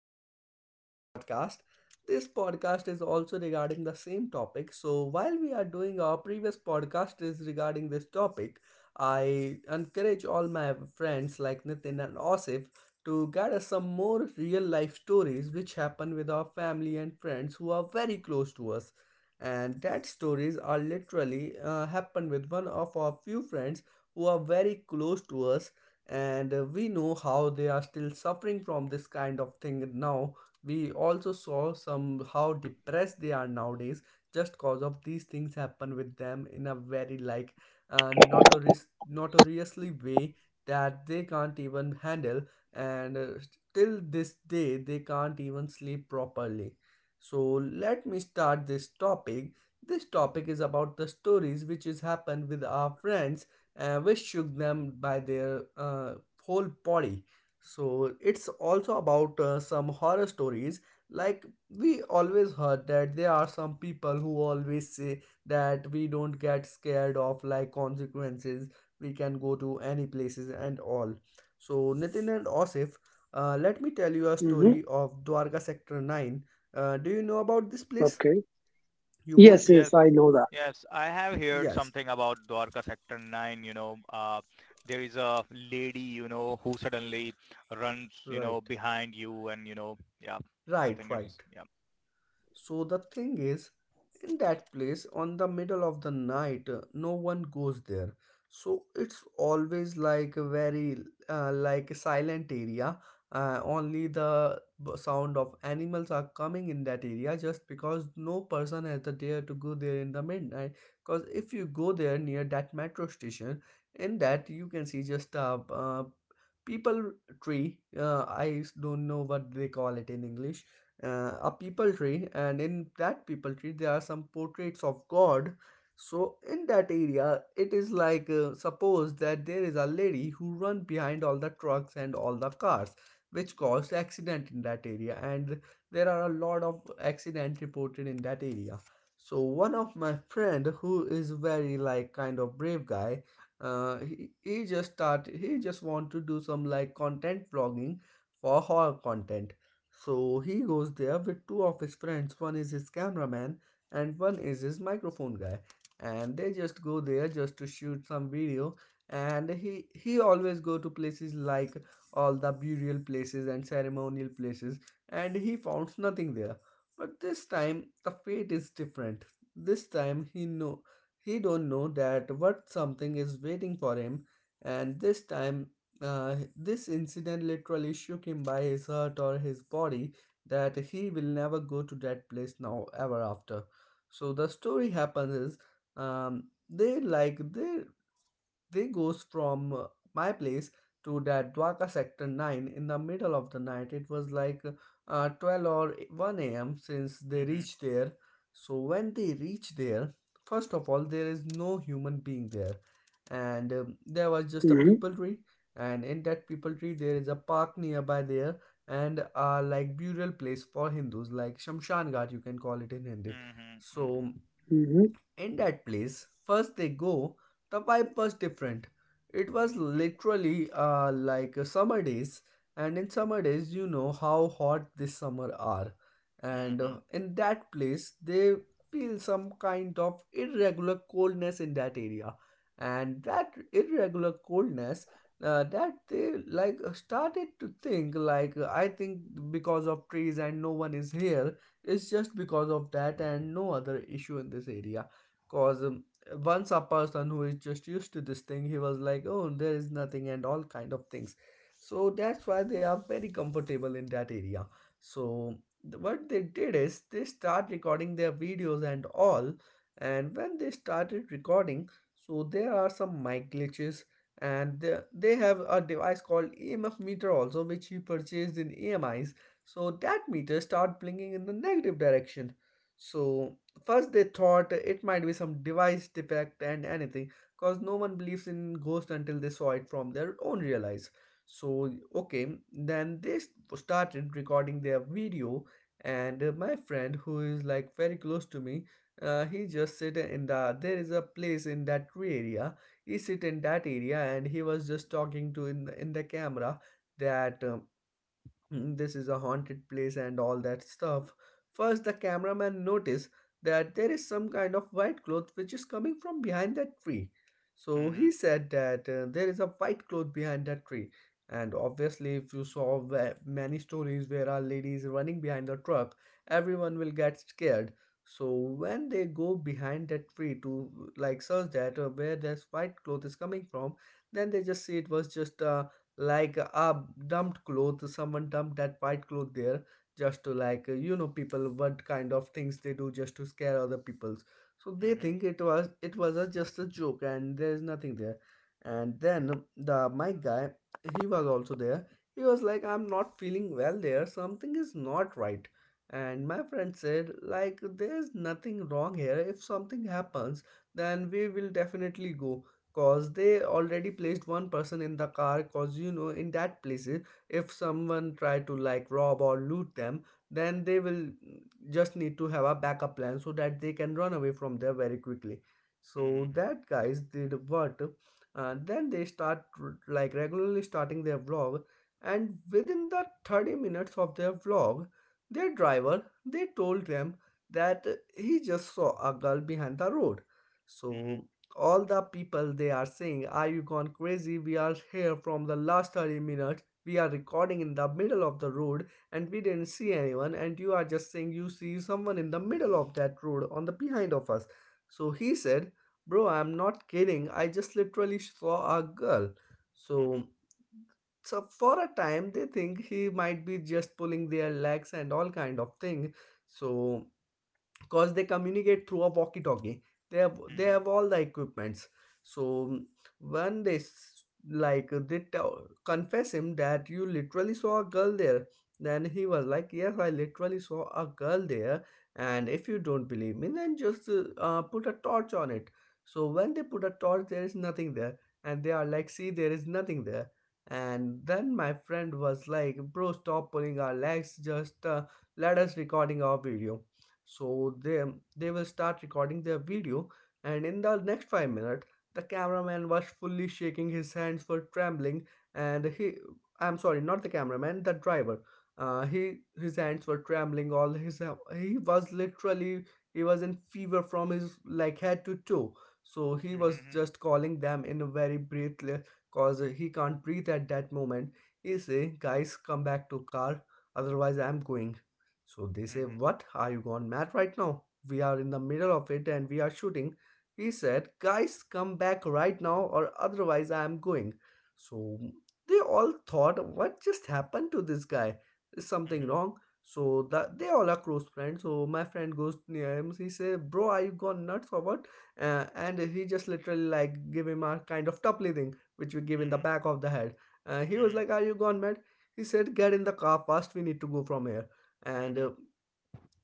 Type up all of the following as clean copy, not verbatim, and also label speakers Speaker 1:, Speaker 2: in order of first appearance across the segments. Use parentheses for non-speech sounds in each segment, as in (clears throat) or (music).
Speaker 1: back to our new podcast. This podcast is also regarding the same topic. So, while we are doing our previous podcast is regarding this topic, I encourage all my friends like Nitin and Osif to gather some more real life stories which happen with our family and friends who are very close to us. And that stories are literally happen with one of our few friends who are very close to us, and we know how they are still suffering from this kind of thing. Now we also saw some how depressed they are nowadays, just cause of these things happen with them in a very like notoriously way that they can't even handle. And till this day they can't even sleep properly. So let me start this topic. This topic is about the stories which has happened with our friends, which shook them by their whole body. So it's also about some horror stories. Like, we always heard that there are some people who always say that we don't get scared of like consequences. We can go to any places and all. So Nitin and Osif, let me tell you a
Speaker 2: Mm-hmm.
Speaker 1: story of Dwarka Sector Nine. Do you know about this place?
Speaker 2: Okay.
Speaker 1: You
Speaker 2: Yes,
Speaker 1: both?
Speaker 2: yes, I
Speaker 3: Yes,
Speaker 2: know that.
Speaker 3: yes, I have
Speaker 1: Yes.
Speaker 3: heard something about Dwarka Sector 9, there is a lady, who suddenly runs,
Speaker 1: Right.
Speaker 3: behind you and, yeah,
Speaker 1: Right.
Speaker 3: I think
Speaker 1: Right.
Speaker 3: it's, yeah.
Speaker 1: So the thing is, in that place, on the middle of the night, no one goes there. So it's always like a very like a silent area. Only the b- sound of animals are coming in that area, just because no person has the dare to go there in the midnight. Because if you go there near that metro station, in that you can see just a people tree. I don't know what they call it in English, a people tree. And in that people tree there are some portraits of god. So in that area it is like, suppose that there is a lady who run behind all the trucks and all the cars, which caused accident in that area. And there are a lot of accident reported in that area. So one of my friend who is very like kind of brave guy, he just want to do some like content vlogging for horror content. So he goes there with two of his friends. One is his cameraman and one is his microphone guy. And they just go there just to shoot some video. And he always go to places like all the burial places and ceremonial places. And he founds nothing there. But this time the fate is different. This time he don't know that what something is waiting for him. And this time this incident literally shook him by his heart or his body, that he will never go to that place now ever after. So the story happens is, they like they goes from my place to that Dwarka sector 9 in the middle of the night. It was like 12 or 1 a.m. since they
Speaker 3: Mm-hmm,
Speaker 1: reached there. So when they reach there, first of all, there is no human being there. And there was just a
Speaker 2: Mm-hmm.
Speaker 1: people tree. And in that people tree, there is a park nearby there, and a like burial place for Hindus, like Shamshan Ghat, you can call it in Hindi.
Speaker 3: mm-hmm,
Speaker 1: So
Speaker 3: mm-hmm,
Speaker 2: Mm-hmm.
Speaker 1: in that place, first they go, the vibe was different. It was literally like summer days, and in summer days, you know how hot this summer are. And
Speaker 3: mm-hmm,
Speaker 1: in that place, they feel some kind of irregular coldness in that area. And that irregular coldness, that they like started to think like, I think because of trees and no one is here, it's just because of that and no other issue in this area. Cause once a person who is just used to this thing, he was like, "Oh, there is nothing," and all kind of things. So that's why they are very comfortable in that area. So what they did is they start recording their videos and all. And when they started recording, so there are some mic glitches, and they have a device called EMF meter also, which he purchased in EMIs. So that meter start blinking in the negative direction. So first, they thought it might be some device defect and anything, because no one believes in ghosts until they saw it from their own real eyes. So, okay, then they started recording their video, and my friend, who is like very close to me, he just sit in the, there is a place in that tree area. He sit in that area, and he was just talking to in the camera that. "Mm, this is a haunted place," and all that stuff. First, the cameraman noticed that there is some kind of white cloth which is coming from behind that tree. So he said that there is a white cloth behind that tree. And obviously, if you saw many stories where a lady is running behind the truck, everyone will get scared. So when they go behind that tree to like search that where this white cloth is coming from, then they just see it was just a like a dumped cloth. Someone dumped that white cloth there, just to like, you know, people, what kind of things they do just to scare other peoples. So they think
Speaker 3: mm-hmm,
Speaker 1: it was, just a joke and there is nothing there. And then the mic guy, he was also there. He was like, "I'm not feeling well there, something is not right." And my friend said like, "There's nothing wrong here, if something happens then we will definitely go," cause they already placed one person in the car. Cause you know, in that places, if someone try to like rob or loot them, then they will just need to have a backup plan so that they can run away from there very quickly. So
Speaker 3: mm-hmm,
Speaker 1: that guys did what, then they start like regularly starting their vlog. And within the 30 minutes of their vlog, their driver, they told them that he just saw a girl behind the road. So all the people they are saying, "Are you gone crazy? We are here from the last 30 minutes, we are recording in the middle of the road, and we didn't see anyone, and you are just saying you see someone in the middle of that road on the behind of us." So he said, "Bro, I'm not kidding, I just literally saw a girl."
Speaker 3: mm-hmm,
Speaker 1: So, so for a time they think he might be just pulling their legs and all kind of thing. So because they communicate through a walkie talkie,
Speaker 3: mm-hmm,
Speaker 1: they
Speaker 3: mm-hmm,
Speaker 1: have all the equipments. So when they like they tell, confess him that, "You literally saw a girl there?" Then he was like, "Yes, I literally saw a girl there, and if you don't believe me, then just put a torch on it." So when they put a torch, there is nothing there. And they are like, "See, there is nothing there." And then my friend was like, "Bro, stop pulling our legs, just let us recording our video." So they will start recording their video. And in the next 5 minutes, the cameraman was fully shaking, his hands were trembling. And he, I'm sorry, not the cameraman, the driver, he his hands were trembling. All his, he was literally, he was in fever from his like head to toe. So he
Speaker 3: mm-hmm, mm-hmm, mm-hmm,
Speaker 1: was
Speaker 3: mm-hmm, mm-hmm, mm-hmm,
Speaker 1: just calling them in a very breathless, cause he can't breathe at that moment. He say, "Guys, come back to car, otherwise I'm going." So they say, "What? Are you gone mad right now? We are in the middle of it and we are shooting." He said, "Guys, come back right now or otherwise I am going." So they all thought, "What just happened to this guy? Is something
Speaker 3: mm-hmm.
Speaker 1: wrong?" So that they all are close friends. So my friend goes near him. He say, "Bro, are you gone nuts or what?" And he just literally like give him a kind of tuple thing, which we give in the back of the head. He was like, "Are you gone mad?" He said, "Get in the car fast. We need to go from here." and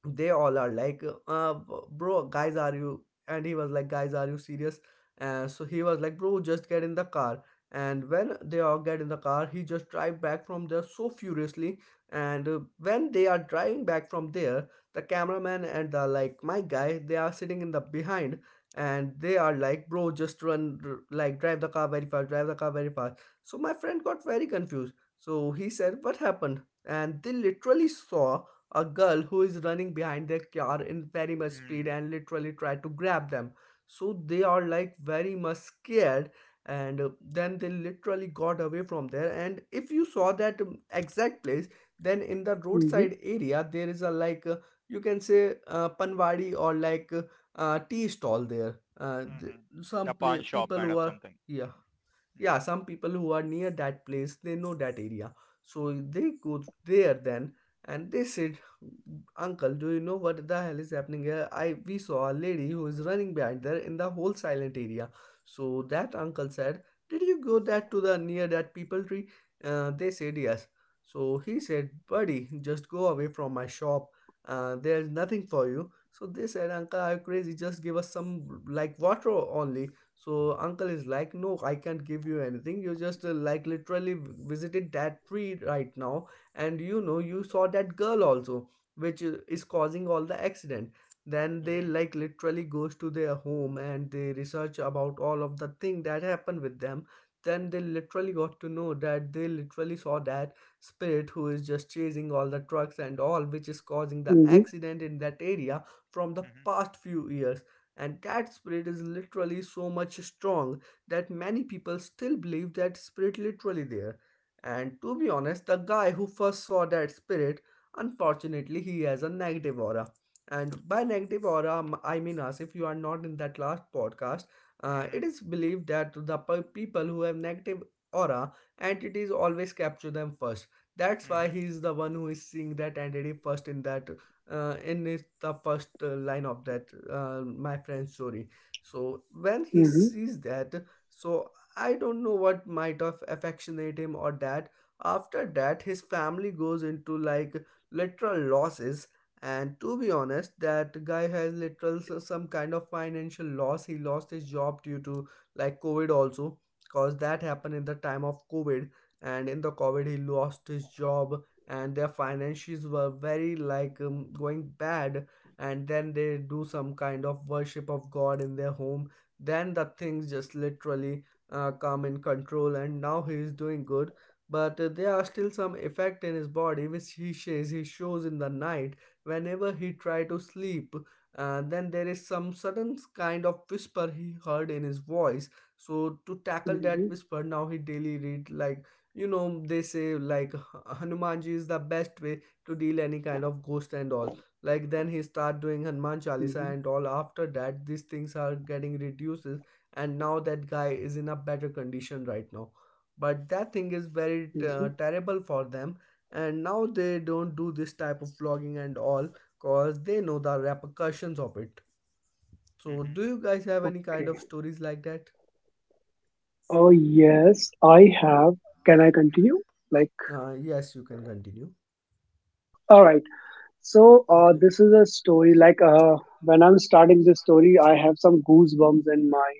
Speaker 1: They all are like, uh, "Bro, guys, are you..." And he was like, "Guys, are you serious?" So he was like, "Bro, just get in the car." And when they all get in the car, he just drive back from there so furiously. And when they are driving back from there, the cameraman and the like my guy, they are sitting in the behind, and they are like, "Bro, just run, like drive the car very fast, drive the car very fast." So my friend got very confused, so he said, "What happened?" And they literally saw a girl who is running behind their car in very much speed
Speaker 3: Mm-hmm,
Speaker 1: and literally try to grab them. So they are like very much scared. And then they literally got away from there. And if you saw that exact place, then in the
Speaker 2: Mm-hmm.
Speaker 1: roadside area there is a like you can say panwadi, or like tea stall there.
Speaker 3: mm-hmm.
Speaker 1: Some
Speaker 3: The
Speaker 1: pla
Speaker 3: pawn shop
Speaker 1: people who
Speaker 3: kind of
Speaker 1: are...
Speaker 3: something.
Speaker 1: Yeah,
Speaker 3: Mm-hmm,
Speaker 1: yeah, some people who are near that place, they know that area. So they go there then, and they said, "Uncle, do you know what the hell is happening here? I, we saw a lady who is running behind there in the whole silent area." So that uncle said, "Did you go that to the near that people tree?" They said, "Yes." So he said, "Buddy, just go away from my shop. There's nothing for you." So they said, "Uncle, are you crazy? Just give us some like water only." So uncle is like, "No, I can't give you anything. You just like literally visited that tree right now, and you know you saw that girl also, which is causing all the accident." Then they
Speaker 3: mm-hmm,
Speaker 1: like literally goes to their home, and they research about all of the thing that happened with them. Then they literally got to know that they literally saw that spirit who is just chasing all the trucks and all, which is causing the
Speaker 2: Mm-hmm.
Speaker 1: accident in that area from the
Speaker 3: mm-hmm,
Speaker 1: past few years. And that spirit is literally so much strong that many people still believe that spirit literally there. And to be honest, the guy who first saw that spirit, unfortunately, he has a negative aura. And by negative aura, I mean, as if you are not in that last podcast, it
Speaker 3: mm-hmm,
Speaker 1: is believed that the people who have negative aura, entities always capture them first. That's why
Speaker 3: mm-hmm,
Speaker 1: he is the one who is seeing that entity first in that, in it's the first line of that, my friend's story. So when he
Speaker 2: Mm-hmm.
Speaker 1: sees that, so I don't know what might have affectionate him or that. After that, his family goes into like literal losses. And to be honest, that guy has literal some kind of financial loss. He lost his job due to like covid also, cause that happened in the time of covid. And in the covid, he lost his job, and their finances were very like, going bad. And then they do some kind of worship of god in their home, then the things just literally come in control, and now he is doing good. But there are still some effect in his body which he says he shows in the night, whenever he try to sleep. Then there is some sudden kind of whisper he heard in his voice. So to tackle that
Speaker 2: Mm-hmm.
Speaker 1: whisper, now he daily read like, you know, they say like hanumanji is the best way to deal any kind of ghost and all. Like then he start doing hanuman chalisa
Speaker 2: Mm-hmm.
Speaker 1: and all, after that these things are getting reduced. And now that guy is in a better condition right now, but that thing is very
Speaker 2: Mm-hmm.
Speaker 1: terrible for them. And now they don't do this type of vlogging and all, cause they know the repercussions of it. So
Speaker 3: mm-hmm,
Speaker 1: do you guys have any kind of
Speaker 2: Okay.
Speaker 1: stories like that?
Speaker 2: Oh, yes, I have. Can I continue? Like,
Speaker 1: Yes, you can continue.
Speaker 2: all right. So,
Speaker 1: Okay.
Speaker 2: this is a story. Like, when I'm starting this story, I have some goosebumps in my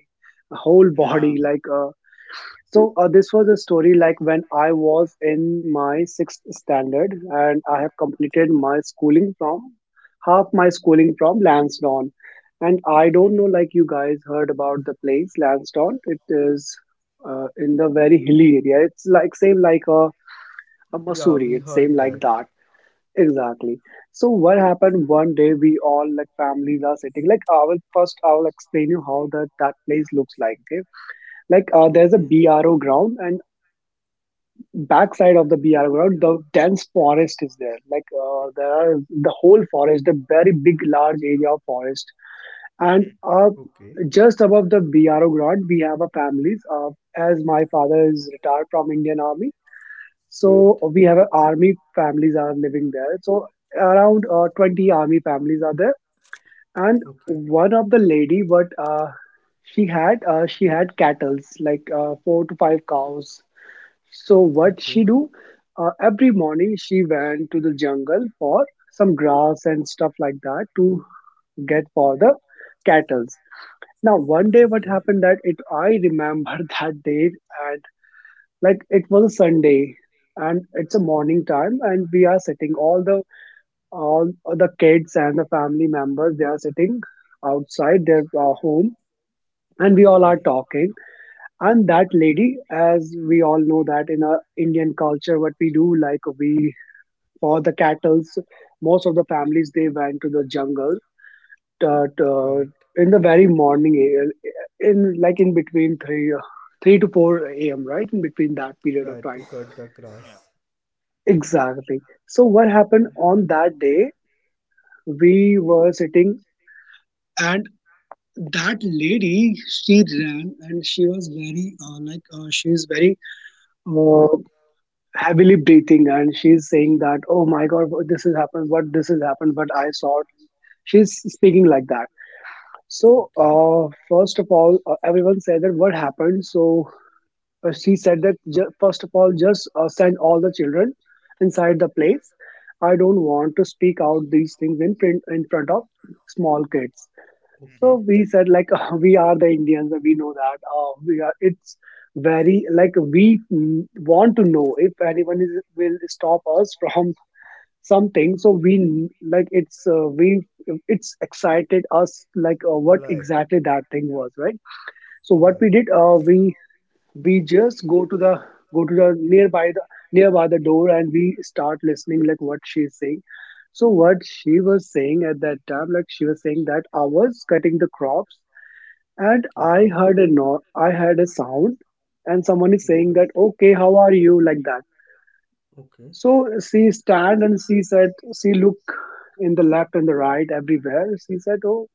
Speaker 2: whole
Speaker 3: yeah.
Speaker 2: body. Like, so this was a story like when I was in my sixth standard, and I have completed my schooling from half my schooling from Lansdowne, and I don't
Speaker 3: Mm-hmm.
Speaker 2: know, like, you guys heard about the place Lansdowne. It is in the very hilly area. It's like same like a
Speaker 1: Yeah,
Speaker 2: Mussoorie.
Speaker 1: we
Speaker 2: It's same
Speaker 1: heard
Speaker 2: like
Speaker 1: that.
Speaker 2: that exactly. So what happened one day? We all, like, families are sitting. Like, I will first I will explain you how that place looks like. Okay, like there's a
Speaker 1: Okay.
Speaker 2: BRO ground, and backside of the BR ground, the dense forest is there. Like there are the whole forest, the very big, large area of forest. And
Speaker 3: Mm-hmm.
Speaker 1: Okay.
Speaker 2: just above the BRO ground, we have a families. As my father is retired from Indian Army,
Speaker 1: Right.
Speaker 2: so we have a army families are living there. So around 20 army families are there, and
Speaker 1: Okay.
Speaker 2: one of the lady, but she had cattle's like four to five cows. So what
Speaker 1: Okay.
Speaker 2: she do? Every morning she went to the jungle for some grass and stuff like that to get for the cattles. Now one day, what
Speaker 1: Okay.
Speaker 2: happened that it I remember (laughs) that day, and like, it was a Sunday and it's a morning time, and we are sitting all the kids and the family members, they are sitting outside their home, and we all are
Speaker 1: Okay.
Speaker 2: talking. And that lady, as we all know, that in our Indian culture, what we do, like, we for the cattles, most of the families they went to the jungle uh, to-
Speaker 1: Right.
Speaker 2: in the very morning, in like in between 3 3 to 4 a.m., right in between that period of
Speaker 1: Right. To
Speaker 2: time
Speaker 1: cut the
Speaker 3: Yeah.
Speaker 1: grass.
Speaker 2: exactly. So what happened on that day, we were sitting, and that lady, she ran, and she was very like she is very uh, heavily breathing, and she's saying that, "Oh my god, what this has happened, what this has happened, but I saw it." She's speaking like that.
Speaker 1: So
Speaker 2: So
Speaker 1: okay.
Speaker 2: first of all, everyone said that what happened. So she said that, "First of all, just send all the children inside the place. I don't want to speak out these things in print in front of small kids." So
Speaker 3: Mm-hmm.
Speaker 1: Okay.
Speaker 2: we said, like, (laughs) we are the Indians, we know that. We are. It's very like, we want to know if anyone is will stop us from something. So we like, it's we it's excited us like what exactly that thing was, right? So
Speaker 1: Right?
Speaker 2: what
Speaker 1: Right.
Speaker 2: we did, we just go to the go to the nearby the door, and we start listening like what she's saying. So what she was saying at that time, like, she was saying that, "I was cutting the crops, and I heard a, no, I heard a sound, and someone is saying that, 'Okay, how are you?' Like that."
Speaker 1: That. Okay.
Speaker 2: So she stand, and she look in the left and the right everywhere. She said, "Oh,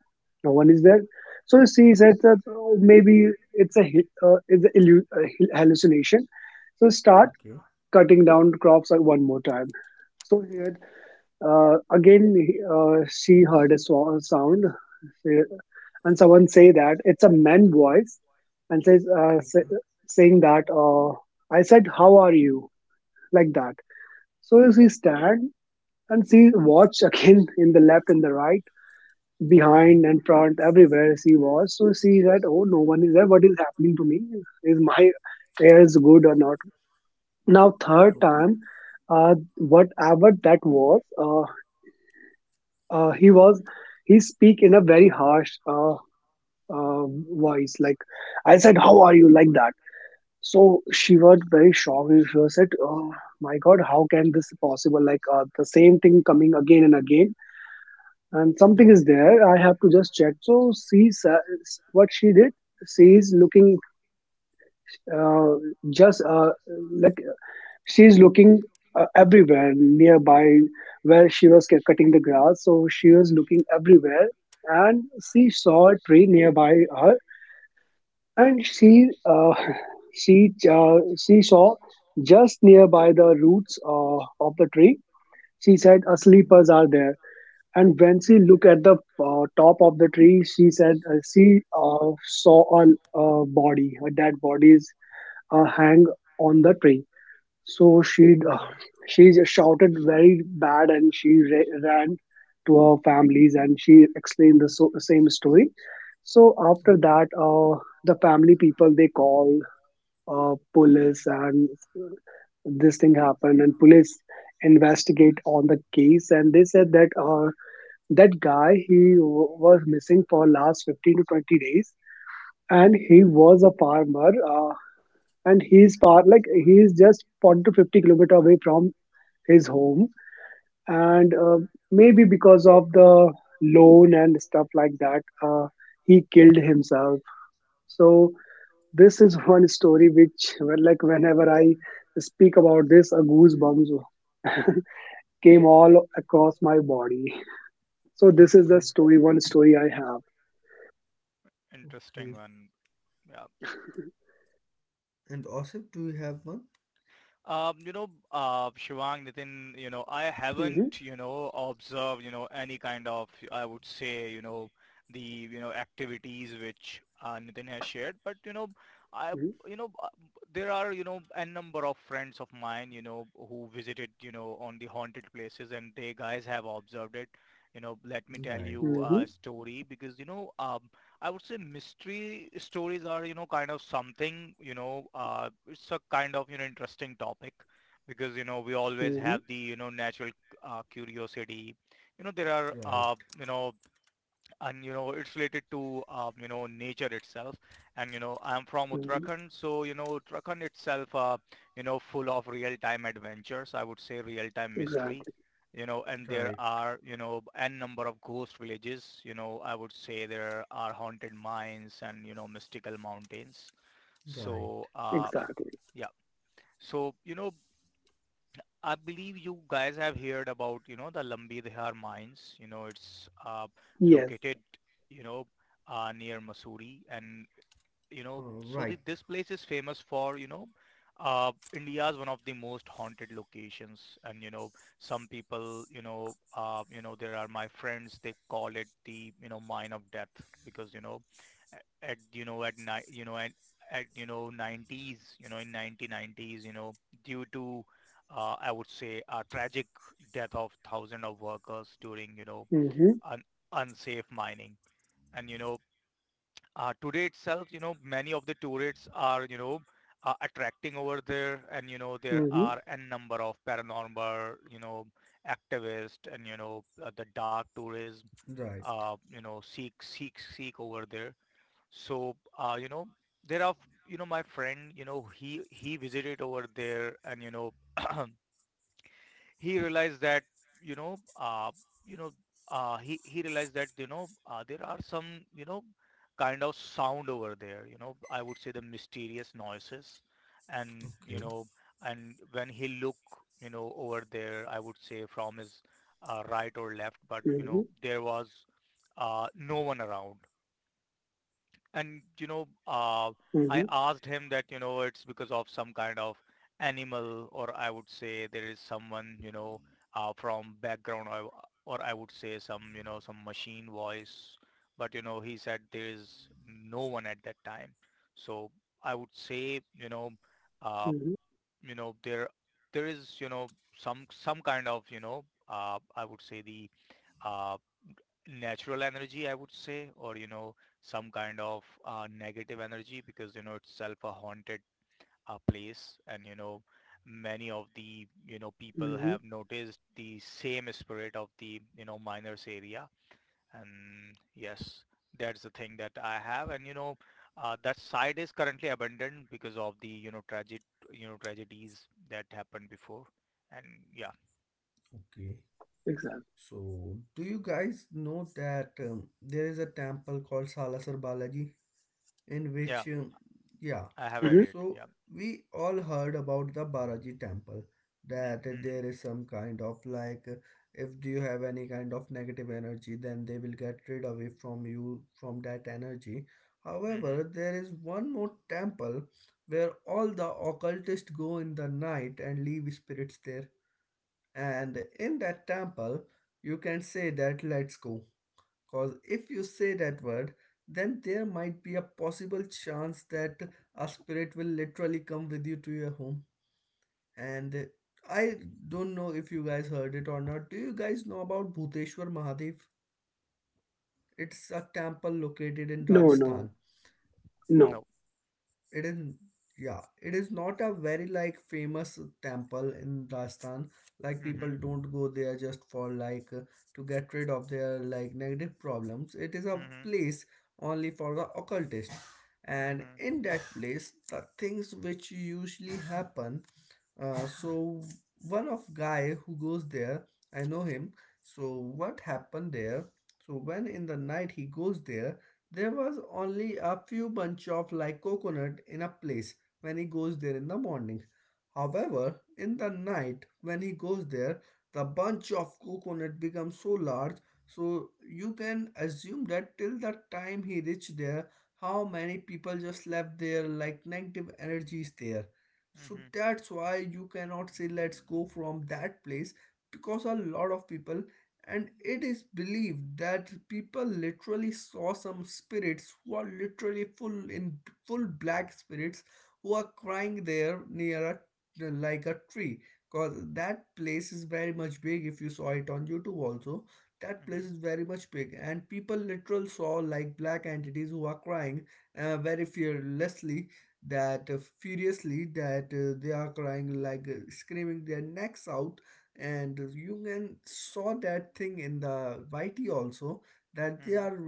Speaker 2: no one is there." So she said that, "Oh, maybe it's a hallucination." So start cutting down crops like one more time. So
Speaker 1: And
Speaker 2: here again, she heard a sound, uh, and someone say that it's a man voice, and
Speaker 1: okay.
Speaker 2: saying that, "I said, 'How are you?'" Like that. So she stand, and she watch again (laughs) in the left and the right, behind
Speaker 1: And
Speaker 2: and front, everywhere she was. So she said, "Oh, no one is there. What is happening to me? Is my air is good or not?" Now third time, whatever that was. Uh, he was he speak in a very harsh, uh, voice, like, "I said, how are you?" Like that. So she was very shocked. She was said, "Oh my god, how can this possible?" Like, the same thing coming again and again, and something is
Speaker 1: right.
Speaker 2: there. I have to just check. So what she did, she is looking, uh, just like, she's looking, everywhere nearby where she was cutting the grass. So she was looking everywhere, and she saw a tree nearby her, and she (laughs) she saw just nearby the roots of the tree. She said, sleepers
Speaker 1: Mhm.
Speaker 2: are there. And when she looked at the top of the tree, she said, she saw a dead body is hang on the tree. So
Speaker 1: Okay.
Speaker 2: she just shouted very bad, and she ran to her families, and she explained the same story. So after
Speaker 1: Okay.
Speaker 2: that, the family people, they call police, and this thing happened, and police investigate on the case, and they said that that guy, he was missing for last 15 to 20 days, and he was a farmer, and he's far, like he's just 40 to 50 kilometer away from his home. And maybe because of the loan and stuff like that, he killed himself. So this is (laughs) one story which, well, like, whenever I speak about this, a goosebumps (laughs) came all across my body. So this is
Speaker 1: Okay.
Speaker 2: the story, one story I have.
Speaker 1: Okay.
Speaker 3: Interesting one. Yeah.
Speaker 1: And Asif, do you have one?
Speaker 3: Shivang, Nitin, I haven't,
Speaker 2: Hmm.
Speaker 3: observed, any kind of, I would say, activities which Nitin has shared. But, I,
Speaker 2: Hmm.
Speaker 3: you know, uh, there are, a number of friends of mine, who visited, on the haunted places, and they guys have observed it. Let me tell
Speaker 1: Right.
Speaker 3: you
Speaker 2: Hmm.
Speaker 3: a story because, I would say mystery stories are, kind of something, it's a kind of interesting topic, because we always
Speaker 2: Hmm.
Speaker 3: have the natural curiosity. You know there are
Speaker 1: Right.
Speaker 3: you know and it's related to nature itself. And I'm from
Speaker 2: Hmm.
Speaker 3: Uttarakhand, so Uttarakhand itself, full of real time adventures, I would say real time mystery.
Speaker 2: Exactly.
Speaker 3: And there
Speaker 1: Right.
Speaker 3: are n number of ghost villages. I would say there are haunted mines and mystical mountains.
Speaker 1: Right.
Speaker 3: So uh,
Speaker 2: Exactly.
Speaker 3: yeah, so, I believe you guys have heard about, the Lambi Dihar mines. It's
Speaker 2: Yes.
Speaker 3: located, you know, near Mussoorie, and so the,
Speaker 1: Right.
Speaker 3: this place is famous for, India's one of the most haunted locations. And, some people, there are my friends, they call it the, mine of death, because, at night, 90s, in 1990s, due to, I would say, a tragic death of thousands of workers during,
Speaker 2: Hmm. Hmm.
Speaker 3: un- unsafe mining. And, today itself, many of the tourists are, attracting over there, and there
Speaker 2: Hmm.
Speaker 3: are n number of paranormal, activists, and the dark tourism,
Speaker 1: Right.
Speaker 3: seek over there. So, there are, my friend, he visited over there, and (clears throat) He realized that you know uh, you know he realized that there are some you know kind of sound over there. I would say the mysterious noises. and you
Speaker 1: Okay.
Speaker 3: know and when he look over there, I would say, from his right or left, but there was no one around. And I
Speaker 2: Hmm.
Speaker 3: asked him that it's because of some kind of animal, or I would say there is someone, from background, or I would say some some machine voice. But he said there is no one at that time. So I would say, uh,
Speaker 2: Hmm.
Speaker 3: there is, some kind of, I would say, the uh, natural energy, I would say, or some kind of negative energy, because itself a haunted place, and many of the people
Speaker 2: Hmm.
Speaker 3: have noticed the same spirit of the miners area. And yes, that's the thing that I have. And that site is currently abandoned because of the tragic, tragedies that happened before. And yeah.
Speaker 1: Okay.
Speaker 2: Exactly.
Speaker 1: So, do you guys know that there is a temple called Salasar Balaji? In
Speaker 3: Yeah,
Speaker 1: which yeah.
Speaker 3: I have
Speaker 2: Hmm.
Speaker 3: heard it.
Speaker 1: So
Speaker 3: Yeah.
Speaker 1: we all heard about the baraji temple, that
Speaker 3: Mm-hmm,
Speaker 1: there is some kind of like, if do you have any kind of negative energy, then they will get rid away from you from that energy. However,
Speaker 3: mm-hmm.
Speaker 1: there is one more temple where all the occultists go in the night and leave spirits there. And in that temple, you can say that "let's go" because if you say that word, then there might be a possible chance that a spirit will literally come with you to your home. And I don't know if you guys heard it or not. Do you guys know about Bhuteshwar Mahadev? It's a temple located in
Speaker 2: No, no,
Speaker 1: Rajasthan.
Speaker 2: no.
Speaker 3: No.
Speaker 1: It is, yeah, it is not a very like famous temple in Rajasthan. Like
Speaker 3: Mm-hmm.
Speaker 1: people don't go there just for like, to get rid of their like negative problems. It is a
Speaker 3: Mhm,
Speaker 1: place only for the occultist. And
Speaker 3: mhm,
Speaker 1: in that place, the things which usually happen, so one of guy who goes there, I know him. So what happened there? So when in the night he goes there, there was only a few bunch of like coconut in a place when he goes there in the morning. However, in the night when he goes there, the bunch of coconut becomes so large, so you can assume that till the time he reached there, how many people just left there like negative energy is there. So
Speaker 3: mhm,
Speaker 1: that's why you cannot say "let's go" from that place, because a lot of people, and it is believed that people literally saw some spirits who are literally full in full black spirits, who are crying there near a like a tree, because that place is very much big, if you saw it on youtube also, that
Speaker 3: mhm,
Speaker 1: place is very much big, and people literally saw like black entities who are crying, very fearlessly, that furiously, that they are crying like, screaming their necks out. And you can saw that thing in the YT also, that
Speaker 3: mhm,
Speaker 1: there are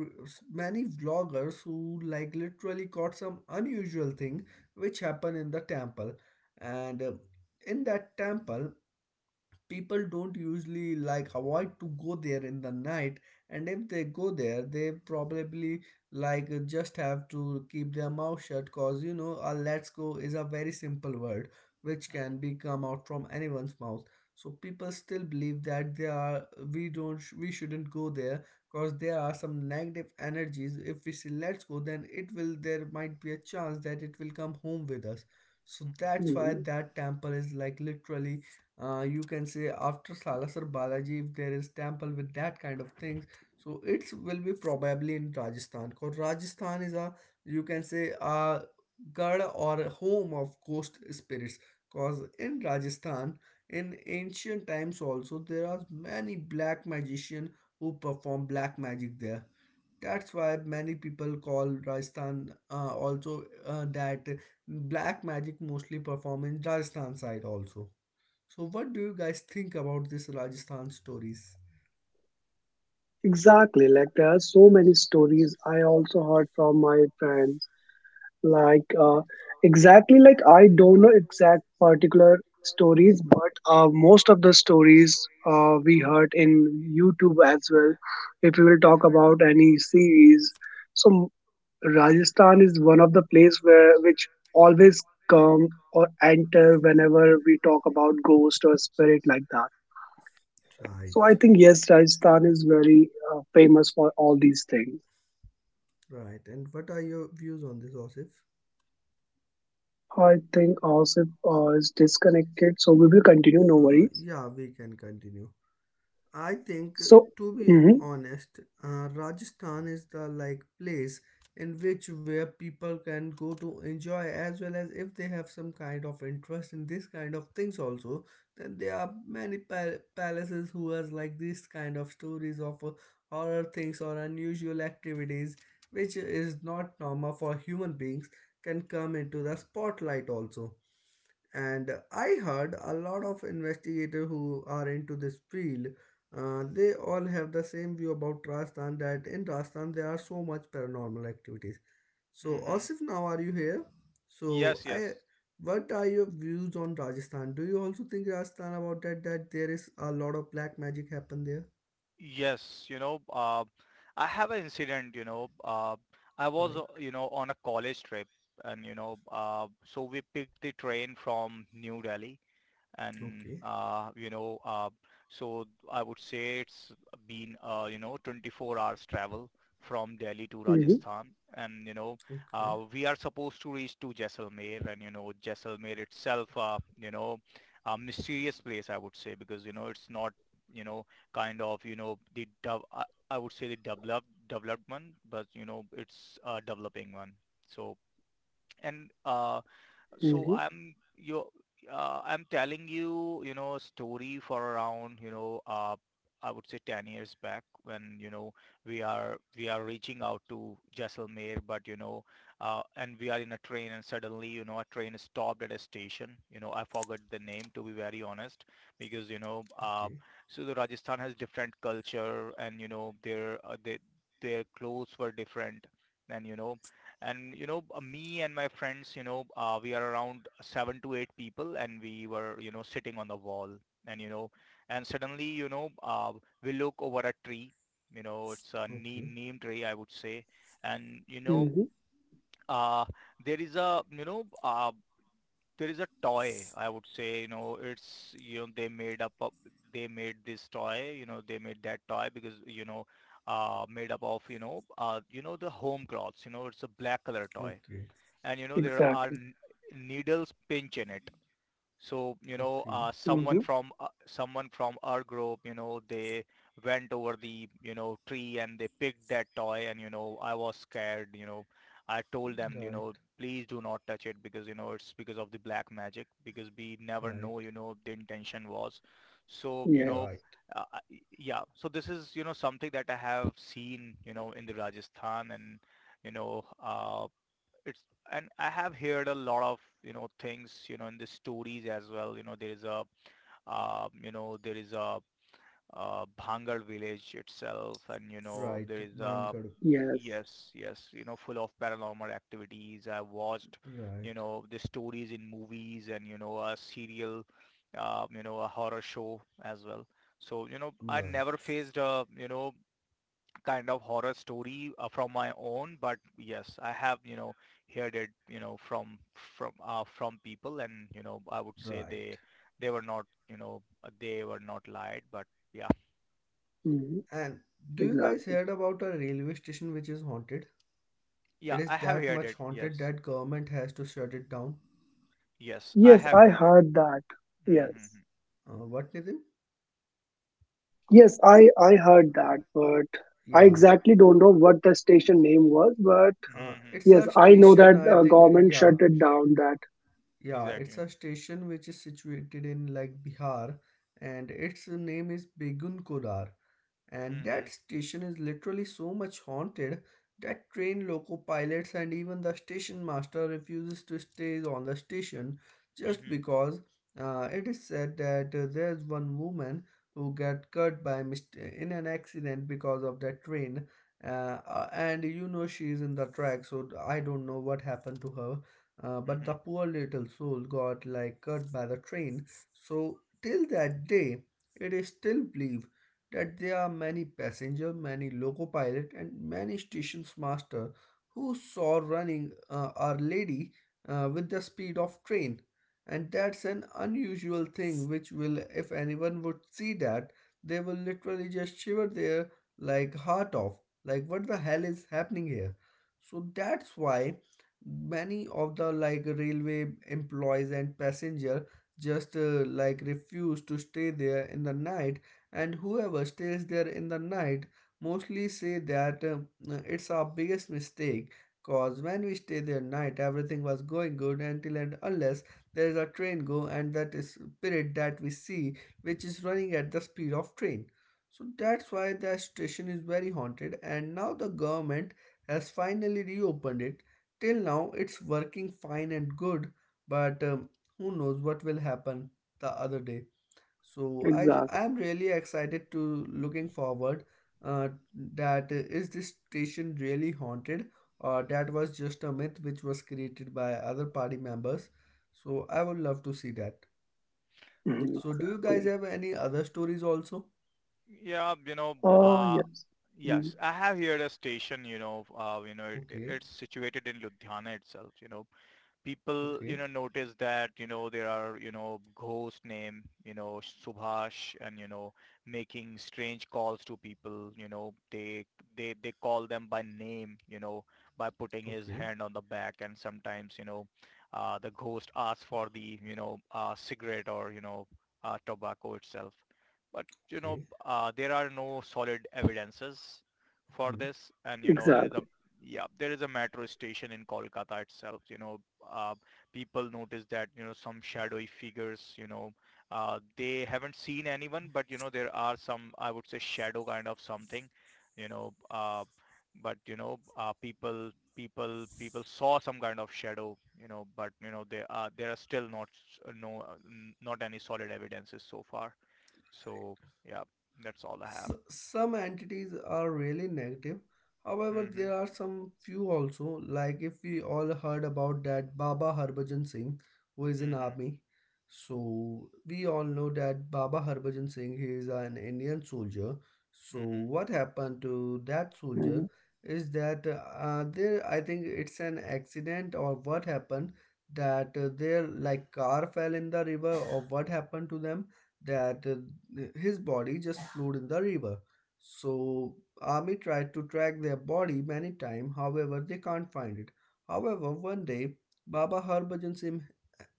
Speaker 1: many vloggers who like literally caught some unusual thing which happened in the temple. And in that temple, people don't usually like avoid to go there in the night, and if they go there, they probably like just have to keep their mouth shut, cause you know a "let's go" is a very simple word which
Speaker 3: mhm,
Speaker 1: can be come out from anyone's mouth. So people still believe that they are, we don't sh- we shouldn't go there, because there are some negative energies. If we say "let's go", then it will, there might be a chance that it will come home with us. So
Speaker 3: mhm.
Speaker 1: that's why
Speaker 2: Mhm.
Speaker 1: that temple is like literally, you can say, after Salasar Balaji, if there is temple with that kind of things, so it will be probably in Rajasthan. Because Rajasthan is a, you can say a god or a home of ghost spirits. Because in Rajasthan, in ancient times also, there are many black magician who perform black magic there. That's why many people call Rajasthan also that black magic mostly perform in Rajasthan side also. So, what do you guys think about this Rajasthan stories?
Speaker 2: Exactly. Like, there are so many stories I also heard from my friends. Like, exactly, like, I don't know exact particular stories, but most of the stories we heard in YouTube as well. If we will talk about any series, so Rajasthan is one of the place where which always come or enter whenever we talk about ghost or spirit, like that.
Speaker 1: Right,
Speaker 2: So I think, yes, Rajasthan is very famous for all these things.
Speaker 1: right. And what are your views on this, Osif?
Speaker 2: I think also is disconnected, so we will continue. No worries.
Speaker 1: Yeah, we can continue. I think,
Speaker 2: So,
Speaker 1: to be
Speaker 2: mm-hmm,
Speaker 1: honest, Rajasthan is the like place in which where people can go to enjoy, as well as if they have some kind of interest in this kind of things also. Then there are many palaces who has like this kind of stories of, horror things or unusual activities, which is not normal for human beings, can come into the spotlight also. And I heard a lot of investigators who are into this field, they all have the same view about Rajasthan, that in Rajasthan there are so much paranormal activities. So
Speaker 3: Hmm.
Speaker 1: Asif, now are you here? So
Speaker 3: Yes,
Speaker 1: I,
Speaker 3: yes,
Speaker 1: what are your views on Rajasthan? Do you also think Rajasthan about that, that there is a lot of black magic happen there?
Speaker 3: yes. I have an incident. I was,
Speaker 1: Right.
Speaker 3: on a college trip, and so we picked the train from New Delhi, and
Speaker 1: Okay.
Speaker 3: so I would say it's been 24 hours travel from Delhi to
Speaker 2: mm-hmm,
Speaker 3: Rajasthan, and
Speaker 1: Okay.
Speaker 3: we are supposed to reach to Jaisalmer. And Jaisalmer itself, a mysterious place, I would say, because it's not you know kind of you know the dev- I would say the development, but it's a developing one. So, and so
Speaker 2: mm-hmm,
Speaker 3: i'm you I'm telling you you know a story for around I would say 10 years back. When you know we are reaching out to Jaisalmer, but and we are in a train, and suddenly, a train stopped at a station. I forgot the name, to be very honest, because
Speaker 1: Okay.
Speaker 3: so the Rajasthan has different culture, and their clothes were different. And me and my friends, we are around seven to eight people, and we were, sitting on the wall. And suddenly we look over a tree. It's a
Speaker 1: Okay.
Speaker 3: neem tree, I would say. And you know
Speaker 2: mm-hmm,
Speaker 3: uh, there is a you know there is a toy, I would say. You know it's you know they made up of, They made this toy. You know they made that toy because you know Made up of, the home cloths. It's a black color toy.
Speaker 1: Okay.
Speaker 3: And there are
Speaker 2: exactly.
Speaker 3: needles pinch in it. So
Speaker 1: Okay.
Speaker 2: Mm-hmm,
Speaker 3: someone from our group, they went over the tree and they picked that toy. And I was scared. I told them,
Speaker 1: Right.
Speaker 3: please do not touch it, because it's because of the black magic, because we never
Speaker 1: Right.
Speaker 3: know the intention was. So
Speaker 1: You're
Speaker 2: yes,
Speaker 1: right.
Speaker 3: yeah, so this is something that I have seen, in the Rajasthan. And you know uh, it's, and I have heard a lot of things in the stories as well. There is a, there is a, Bhangar village itself, and
Speaker 1: Right
Speaker 3: there is a,
Speaker 1: Bangkok.
Speaker 2: yes,
Speaker 3: yes, yes, full of paranormal activities. I watched
Speaker 1: Right.
Speaker 3: the stories in movies, and a serial, a horror show as well. So I
Speaker 1: Right,
Speaker 3: never faced a kind of horror story, from my own, but yes, I have, heard it, from from people. And I would say,
Speaker 1: right.
Speaker 3: they were not, they were not lied, but yeah.
Speaker 2: mm-hmm,
Speaker 1: And do you guys
Speaker 2: exactly.
Speaker 1: heard about a railway station which is haunted?
Speaker 3: Yeah,
Speaker 1: It is
Speaker 3: I have
Speaker 1: that
Speaker 3: heard
Speaker 1: much
Speaker 3: it.
Speaker 1: haunted
Speaker 3: Yes,
Speaker 1: that government has to shut it down.
Speaker 3: yes, I
Speaker 2: Yes,
Speaker 3: have
Speaker 2: I
Speaker 3: heard it.
Speaker 2: heard that.
Speaker 3: Mm-hmm.
Speaker 2: Yes,
Speaker 1: What, Nitin?
Speaker 2: yes, I heard that, but I
Speaker 1: Yeah.
Speaker 2: exactly don't know what the station name was. But
Speaker 3: Mm-hmm. Mm-hmm.
Speaker 1: It's
Speaker 2: yes,
Speaker 1: a
Speaker 2: I know
Speaker 1: station,
Speaker 2: that
Speaker 1: I think,
Speaker 2: government shut
Speaker 1: yeah.
Speaker 2: it down. That,
Speaker 1: Yeah,
Speaker 3: Exactly.
Speaker 1: it's a station which is situated in like Bihar, and its name is Begun Kodar. And
Speaker 3: Mm-hmm.
Speaker 1: that station is literally so much haunted that train loco pilots and even the station master refuses to stay on the station, just
Speaker 3: Mm-hmm.
Speaker 1: because, it is said that, there's one woman who got cut by in an accident because of that train. Uh, and she is in the track, so I don't know what happened to her. But
Speaker 3: Mm-hmm.
Speaker 1: the poor little soul got like cut by the train. So till that day, it is still believed that there are many passenger, many loco pilot, and many stations master who saw running our lady with the speed of train. And that's an unusual thing which will, if anyone would see that, they will literally just shiver their like heart off. Like what the hell is happening here? So that's why many of the like railway employees and passenger just like refuse to stay there in the night, and whoever stays there in the night mostly say that it's our biggest mistake, cause when we stay there night everything was going good until and unless there is a train go and that is spirit that we see, which is running at the speed of train. So that's why the station is very haunted and now the government has finally reopened it. Till now it's working fine and good, but who knows what will happen the other day. So
Speaker 2: exactly.
Speaker 1: I am really excited to looking forward uh, that is this station really haunted, or that was just a myth which was created by other party members. So I would love to see that.
Speaker 3: Uh,
Speaker 2: Mhm,
Speaker 1: So do you guys
Speaker 2: exactly.
Speaker 1: have any other stories also?
Speaker 3: Yeah,
Speaker 2: Oh yes. Mm,
Speaker 3: yes, I have here a station, it,
Speaker 1: Okay,
Speaker 3: it's situated in Ludhiana itself. People
Speaker 1: okay,
Speaker 3: notice that there are ghost name, Subhash, and making strange calls to people. They call them by name, by putting his
Speaker 1: okay,
Speaker 3: hand on the back, and sometimes, the ghost asks for the, cigarette, or tobacco itself. But
Speaker 1: okay.
Speaker 3: there are no solid evidences for
Speaker 1: Hmm.
Speaker 3: this. And there is a,
Speaker 2: exactly.
Speaker 3: yeah, there is a metro station in Kolkata itself. Uh, People notice that some shadowy figures. They haven't seen anyone, but there are some, I would say, shadow kind of something. you know uh, but people saw some kind of shadow. But there are still not, not any solid evidences so far. So yeah, that's all I have.
Speaker 1: Some entities are really negative. However,
Speaker 3: Mhm.
Speaker 1: there are some few also. Like if we all heard about that Baba Harbhajan Singh, who is in
Speaker 3: Mhm.
Speaker 1: army. So we all know that Baba Harbhajan Singh, he is an Indian soldier. So
Speaker 3: Mhm.
Speaker 1: what happened to that
Speaker 2: Hmm.
Speaker 1: soldier is that there I think it's an accident or what happened, that their like car fell in the river, or what happened to them that his body just floated in the river. So army tried to track their body many times, however they can't find it. However, one day Baba Harbhajan Singh,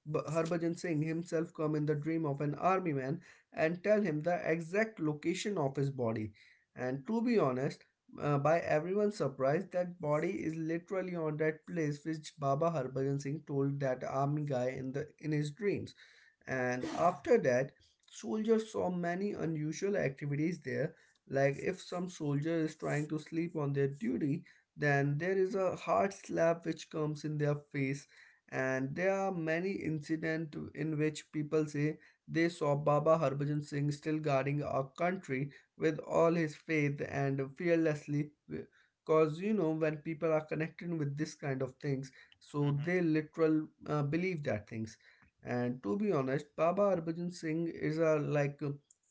Speaker 1: Harbhajan Singh himself come in the dream of an army man and tell him the exact location of his body. And to be honest, by everyone's surprise, that body is literally on that place which Baba Harbhajan Singh told that army guy in the in his dreams. And after that, soldiers saw many unusual activities there. Like if some soldier is trying to sleep on their duty, then there is a hard slap which comes in their face. And there are many incidents in which people say they saw Baba Harbhajan Singh still guarding our country with all his faith and fearlessly. Because you know, when people are connected with this kind of things, so
Speaker 3: Mhm.
Speaker 1: they literal believe that things. And to be honest, Baba Harbhajan Singh is a like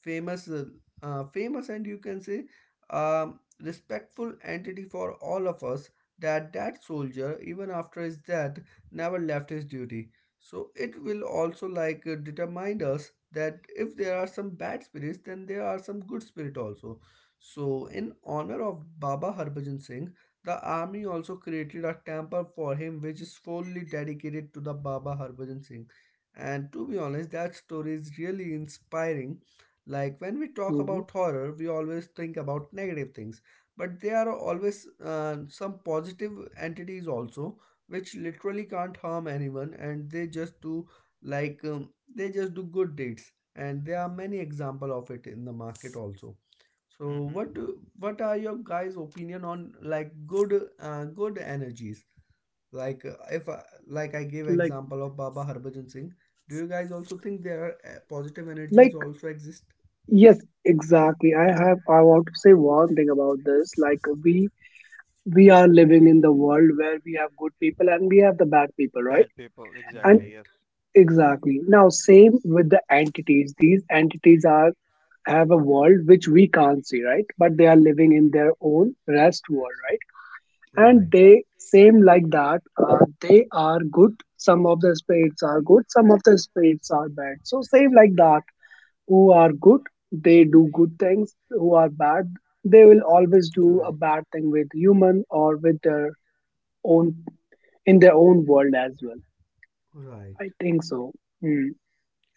Speaker 1: famous, famous, and you can say respectful entity for all of us. That soldier, even after his death, never left his duty. So it will also like determine us that if there are some bad spirits, then there are some good spirit also. So in honor of Baba Harbhajan Singh, the army also created a temple for him, which is fully dedicated to the Baba Harbhajan Singh. And to be honest, that story is really inspiring. Like when we talk
Speaker 2: Hmm.
Speaker 1: about horror, we always think about negative things, but there are always some positive entities also, which literally can't harm anyone, and they just do like they just do good deeds, and there are many example of it in the market also. So
Speaker 3: Mhm.
Speaker 1: what are your guys' opinion on like good good energies? Like if like I gave
Speaker 2: Like,
Speaker 1: example of Baba Harbhajan Singh, do you guys also think there are positive energies
Speaker 2: like,
Speaker 1: also exist?
Speaker 2: yes, exactly. I want to say one thing about this. Like, we we are living
Speaker 1: Okay.
Speaker 2: in the world where we have good people, and we have the bad people, right?
Speaker 3: Bad people,
Speaker 2: And
Speaker 3: exactly,
Speaker 1: Right,
Speaker 3: yes.
Speaker 2: exactly, now same with the entities. These entities are, have a world which we can't see, right? But they are living in their own rest world, right?
Speaker 1: right, right,
Speaker 2: And they same like that. They are good. Some of the spirits are good, some of the spirits are bad. So same like that, who are good, they do good things. Who are bad, they will always do a bad thing with human or with their own, in their own world as well.
Speaker 1: right.
Speaker 2: I think so.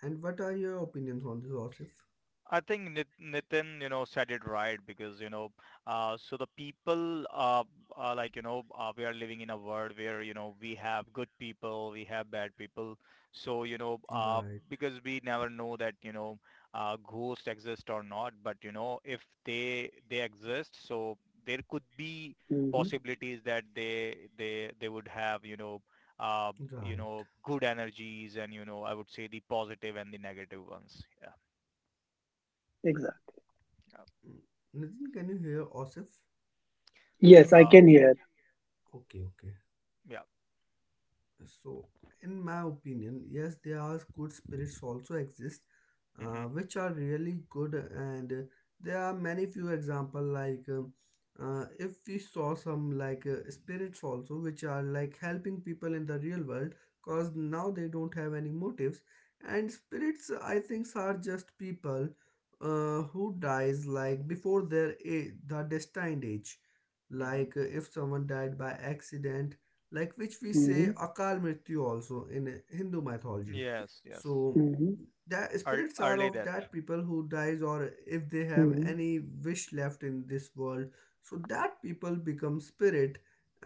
Speaker 1: And what are your opinions on this, Osif?
Speaker 3: I think Nitin, said it right, because, so the people, are, like, we are living in a world where, we have good people, we have bad people. So,
Speaker 1: Right,
Speaker 3: because we never know that, ghosts exist or not, but, if they, they exist, so there could be
Speaker 2: Mm-hmm.
Speaker 3: possibilities that they would have, uh,
Speaker 1: right.
Speaker 3: good energies, and, I would say the positive and the negative ones. Yeah.
Speaker 2: Exactly.
Speaker 3: Yeah.
Speaker 1: Nazim, can you hear Osif?
Speaker 2: Yes, I
Speaker 3: Uh,
Speaker 2: can hear.
Speaker 1: Okay, okay.
Speaker 3: yeah.
Speaker 1: So, in my opinion, yes, there are good spirits also exist,
Speaker 3: Hmm.
Speaker 1: which are really good, and there are many few example like if we saw some like spirits also, which are like helping people in the real world, cause now they don't have any motives. And spirits I think are just people who dies like before their age, the destined age,
Speaker 3: Hmm.
Speaker 1: like if someone died by accident, like which we say
Speaker 2: Mm-hmm.
Speaker 1: akal mrityu also in Hindu mythology.
Speaker 3: Yes, yes.
Speaker 1: So
Speaker 2: Mm-hmm.
Speaker 1: that
Speaker 3: Ear-
Speaker 1: spirits are
Speaker 3: Early
Speaker 1: of
Speaker 3: death.
Speaker 1: that people who dies, or if they have
Speaker 2: Mm-hmm.
Speaker 1: any wish left in this world, so that people become spirit.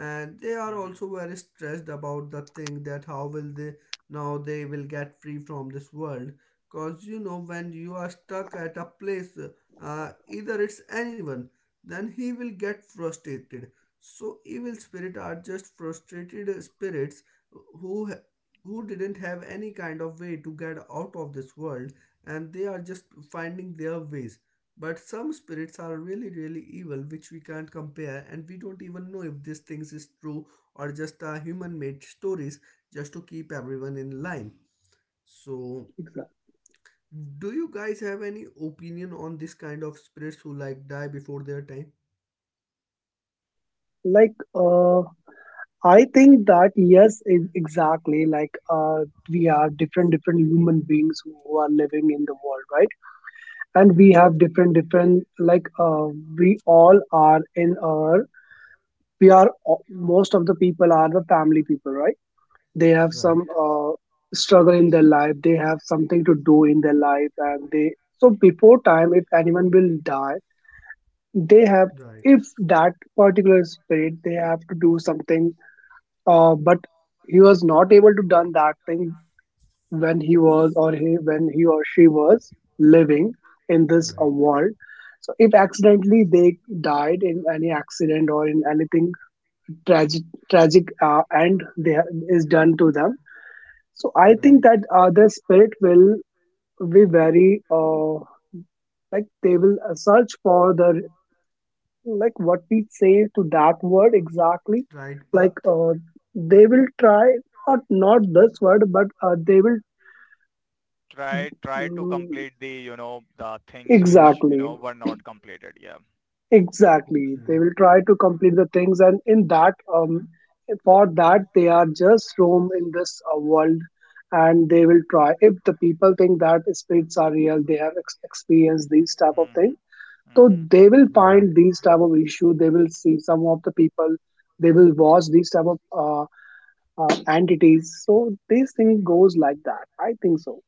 Speaker 1: And they are
Speaker 3: Hmm.
Speaker 1: also very stressed about the thing that how will they, now they will get free from this world. Because you know when you are stuck at a place, either it's anyone, then he will get frustrated. So evil spirits are just frustrated spirits who who didn't have any kind of way to get out of this world, and they are just finding their ways. But some spirits are really really evil, which we can't compare, and we don't even know if these things is true or just are human made stories just to keep everyone in line. So
Speaker 2: Exactly.
Speaker 1: do you guys have any opinion on this kind of spirits who like die before their time?
Speaker 2: Like, uh I think that yes, exactly. Like, we are different, different human beings who are living in the world, right? And we
Speaker 1: Right.
Speaker 2: have different, different. Like, we all are in our. We are most of the people are the family people, right? They have
Speaker 1: Right.
Speaker 2: some struggle in their life. They have something to do in their life, and they. So before time, if anyone will die, they have
Speaker 1: They right.
Speaker 2: if that particular spirit, they have to do something, but he was not able to done that thing when he was, or he, when he or she was living in this world. So if accidentally they died in any accident or in anything tragic, tragic end they is done to them. So I
Speaker 1: Right.
Speaker 2: think that, their spirit will be very, like, they will, search for the, like, what we say to that word, exactly,
Speaker 1: Right
Speaker 2: like,
Speaker 1: path.
Speaker 2: they will try, not this word, but they will.
Speaker 3: Try try to
Speaker 2: Mm,
Speaker 3: complete the, the things
Speaker 1: Journey.
Speaker 3: which,
Speaker 2: exactly.
Speaker 3: were not completed. Yeah.
Speaker 2: Exactly, they will try to
Speaker 3: Hmm.
Speaker 2: complete the things, and in that, for that, they are just roam in this world. And they will try if the people think that spirits are real, they have experienced these type of things.
Speaker 3: Hmm.
Speaker 2: So
Speaker 3: Hmm.
Speaker 2: they will find
Speaker 1: Right.
Speaker 2: these type of issue, they will see some of the people, they will watch these type of uh, entities. So this thing goes like that. I think so.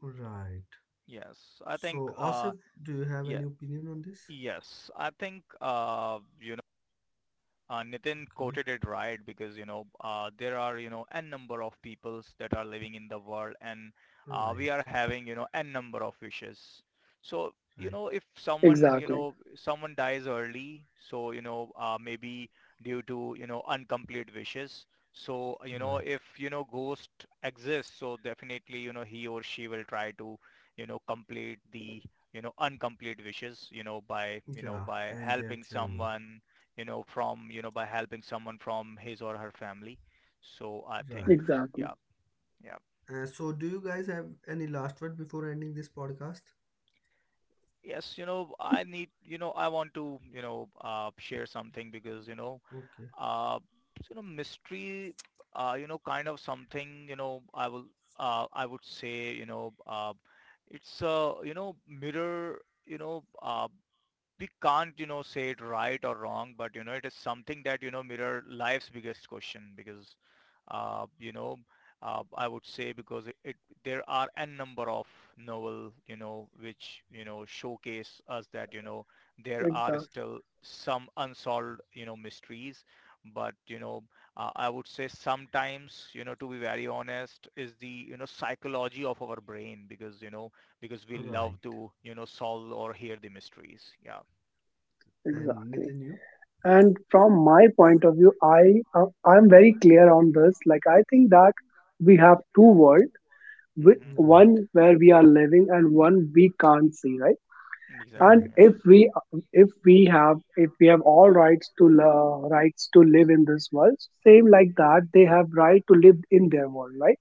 Speaker 1: Right.
Speaker 3: Yes. I think
Speaker 1: So,
Speaker 3: uh,
Speaker 1: Asif, do you have any
Speaker 3: yeah,
Speaker 1: opinion on this?
Speaker 3: yes. I think uh, Nitin
Speaker 1: Okay.
Speaker 3: quoted it right, because there are n number of peoples that are living in the world. And we are
Speaker 1: Right.
Speaker 3: having n number of wishes. So
Speaker 1: Right.
Speaker 3: if someone,
Speaker 2: Exactly.
Speaker 3: someone dies early, so maybe due to, incomplete wishes. So
Speaker 1: Right.
Speaker 3: if ghost exists, so definitely he or she will try to, complete the, incomplete wishes, by
Speaker 1: Yeah.
Speaker 3: by
Speaker 1: And their
Speaker 3: helping
Speaker 1: journey.
Speaker 3: someone, by helping someone from his or her family. So I think,
Speaker 1: Right.
Speaker 3: yeah,
Speaker 2: Exactly.
Speaker 3: yeah.
Speaker 1: So, do you guys have any last word before ending this podcast?
Speaker 3: Yes, I need, I want to, share something, because,
Speaker 1: Okay.
Speaker 3: uh, mystery, kind of something, I will, I would say, it's a, mirror, we can't say it right or wrong, but it is something that, mirror life's biggest question. Because uh, you know I would say because it there are n number of novel which showcase us that, there are
Speaker 2: Exactly.
Speaker 3: still some unsolved mysteries. But I would say sometimes, to be very honest, is the psychology of our brain. Because because we love
Speaker 1: Right.
Speaker 3: to, solve or hear the mysteries. Yeah.
Speaker 1: And
Speaker 2: Exactly.
Speaker 1: Nitin, you?
Speaker 2: And from my point of view, I'm very clear on this. Like, I think that we have two world,
Speaker 3: Mm-hmm.
Speaker 1: Right.
Speaker 2: one where we are living, and one we can't see, right? And
Speaker 3: Exactly.
Speaker 1: Right.
Speaker 3: Yeah.
Speaker 2: if we, if we have all rights to, rights to live in this world, same like that, they have right to live in their world, right?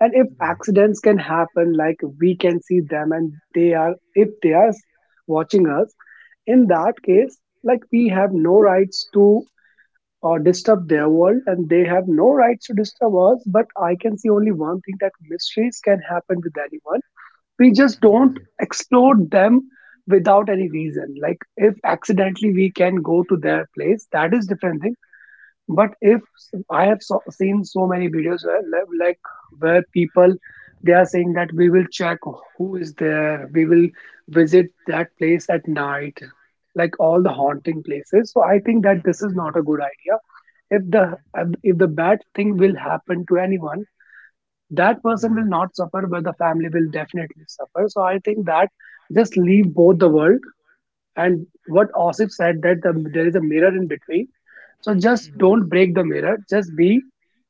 Speaker 2: And if
Speaker 1: Right.
Speaker 2: accidents can happen, like we can see them, and they are if they are watching us, in that case, like, we have no rights to or disturb their world, and they have no rights to disturb us. But I can see only one thing, that mysteries can happen with anyone. We just
Speaker 3: Mm-hmm.
Speaker 2: don't
Speaker 1: Right.
Speaker 2: explore them without any reason. Like, if accidentally we can go to their place, that is different thing. But if seen so many videos where, like where people, they are saying that, "We will check who is there, we will visit that place at night," like, all the haunting places. So I think that
Speaker 3: Mm-hmm.
Speaker 2: this is not a good idea. If the,
Speaker 3: Mm-hmm.
Speaker 2: if the bad thing will happen to anyone, that person will
Speaker 1: That
Speaker 2: not suffer, but the family will definitely suffer. So I think that just leave both the world. And what Osif said that there is a mirror in between. So just
Speaker 3: Mm-hmm.
Speaker 2: don't break the mirror. Just be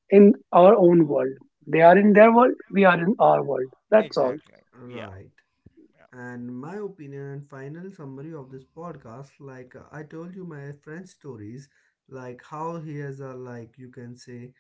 Speaker 2: in our own world. They are in their world, we are in our world. That's all.
Speaker 3: Exactly. Yeah.
Speaker 1: right.
Speaker 3: Yeah.
Speaker 1: And my opinion and final summary of this podcast, like I told you my friend's stories, like how he has a like you can say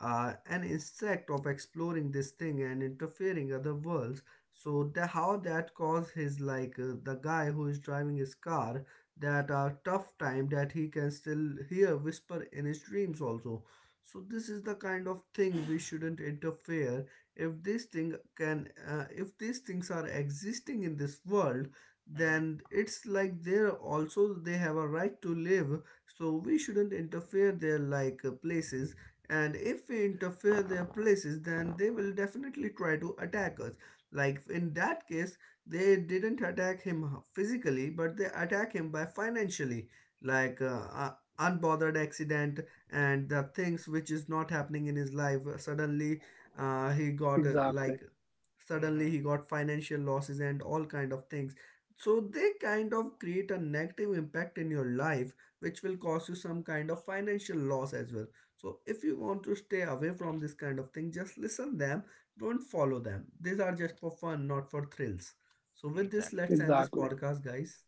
Speaker 1: an insect of exploring this thing and interfering other worlds. So how that caused his like the guy who is driving his car that tough time, that he can still hear whisper in his dreams also. So this is the kind of thing we shouldn't interfere. If these thing can if these things are existing in this world, then
Speaker 3: Mm-hmm.
Speaker 1: it's like they're also they have a right to live, so we shouldn't interfere their like places. And if we interfere their places, then they will definitely try to attack us. Like in that case, they didn't attack him physically, but they attack him by financially, like uh, unbothered accident and the things which is not happening in his life, suddenly he got
Speaker 2: Exactly.
Speaker 1: like
Speaker 3: Mm-hmm.
Speaker 1: suddenly he got financial losses and all kind of things. So they kind of create a negative impact in your life, which will cause you some kind of financial loss as well. So if you want to stay away from this kind of thing, just listen them, don't follow them. These are just for fun, not for thrills. So with this,
Speaker 3: Exactly.
Speaker 1: let's end this
Speaker 2: Exactly.
Speaker 1: podcast guys.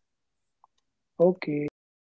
Speaker 2: Okay. Thank you so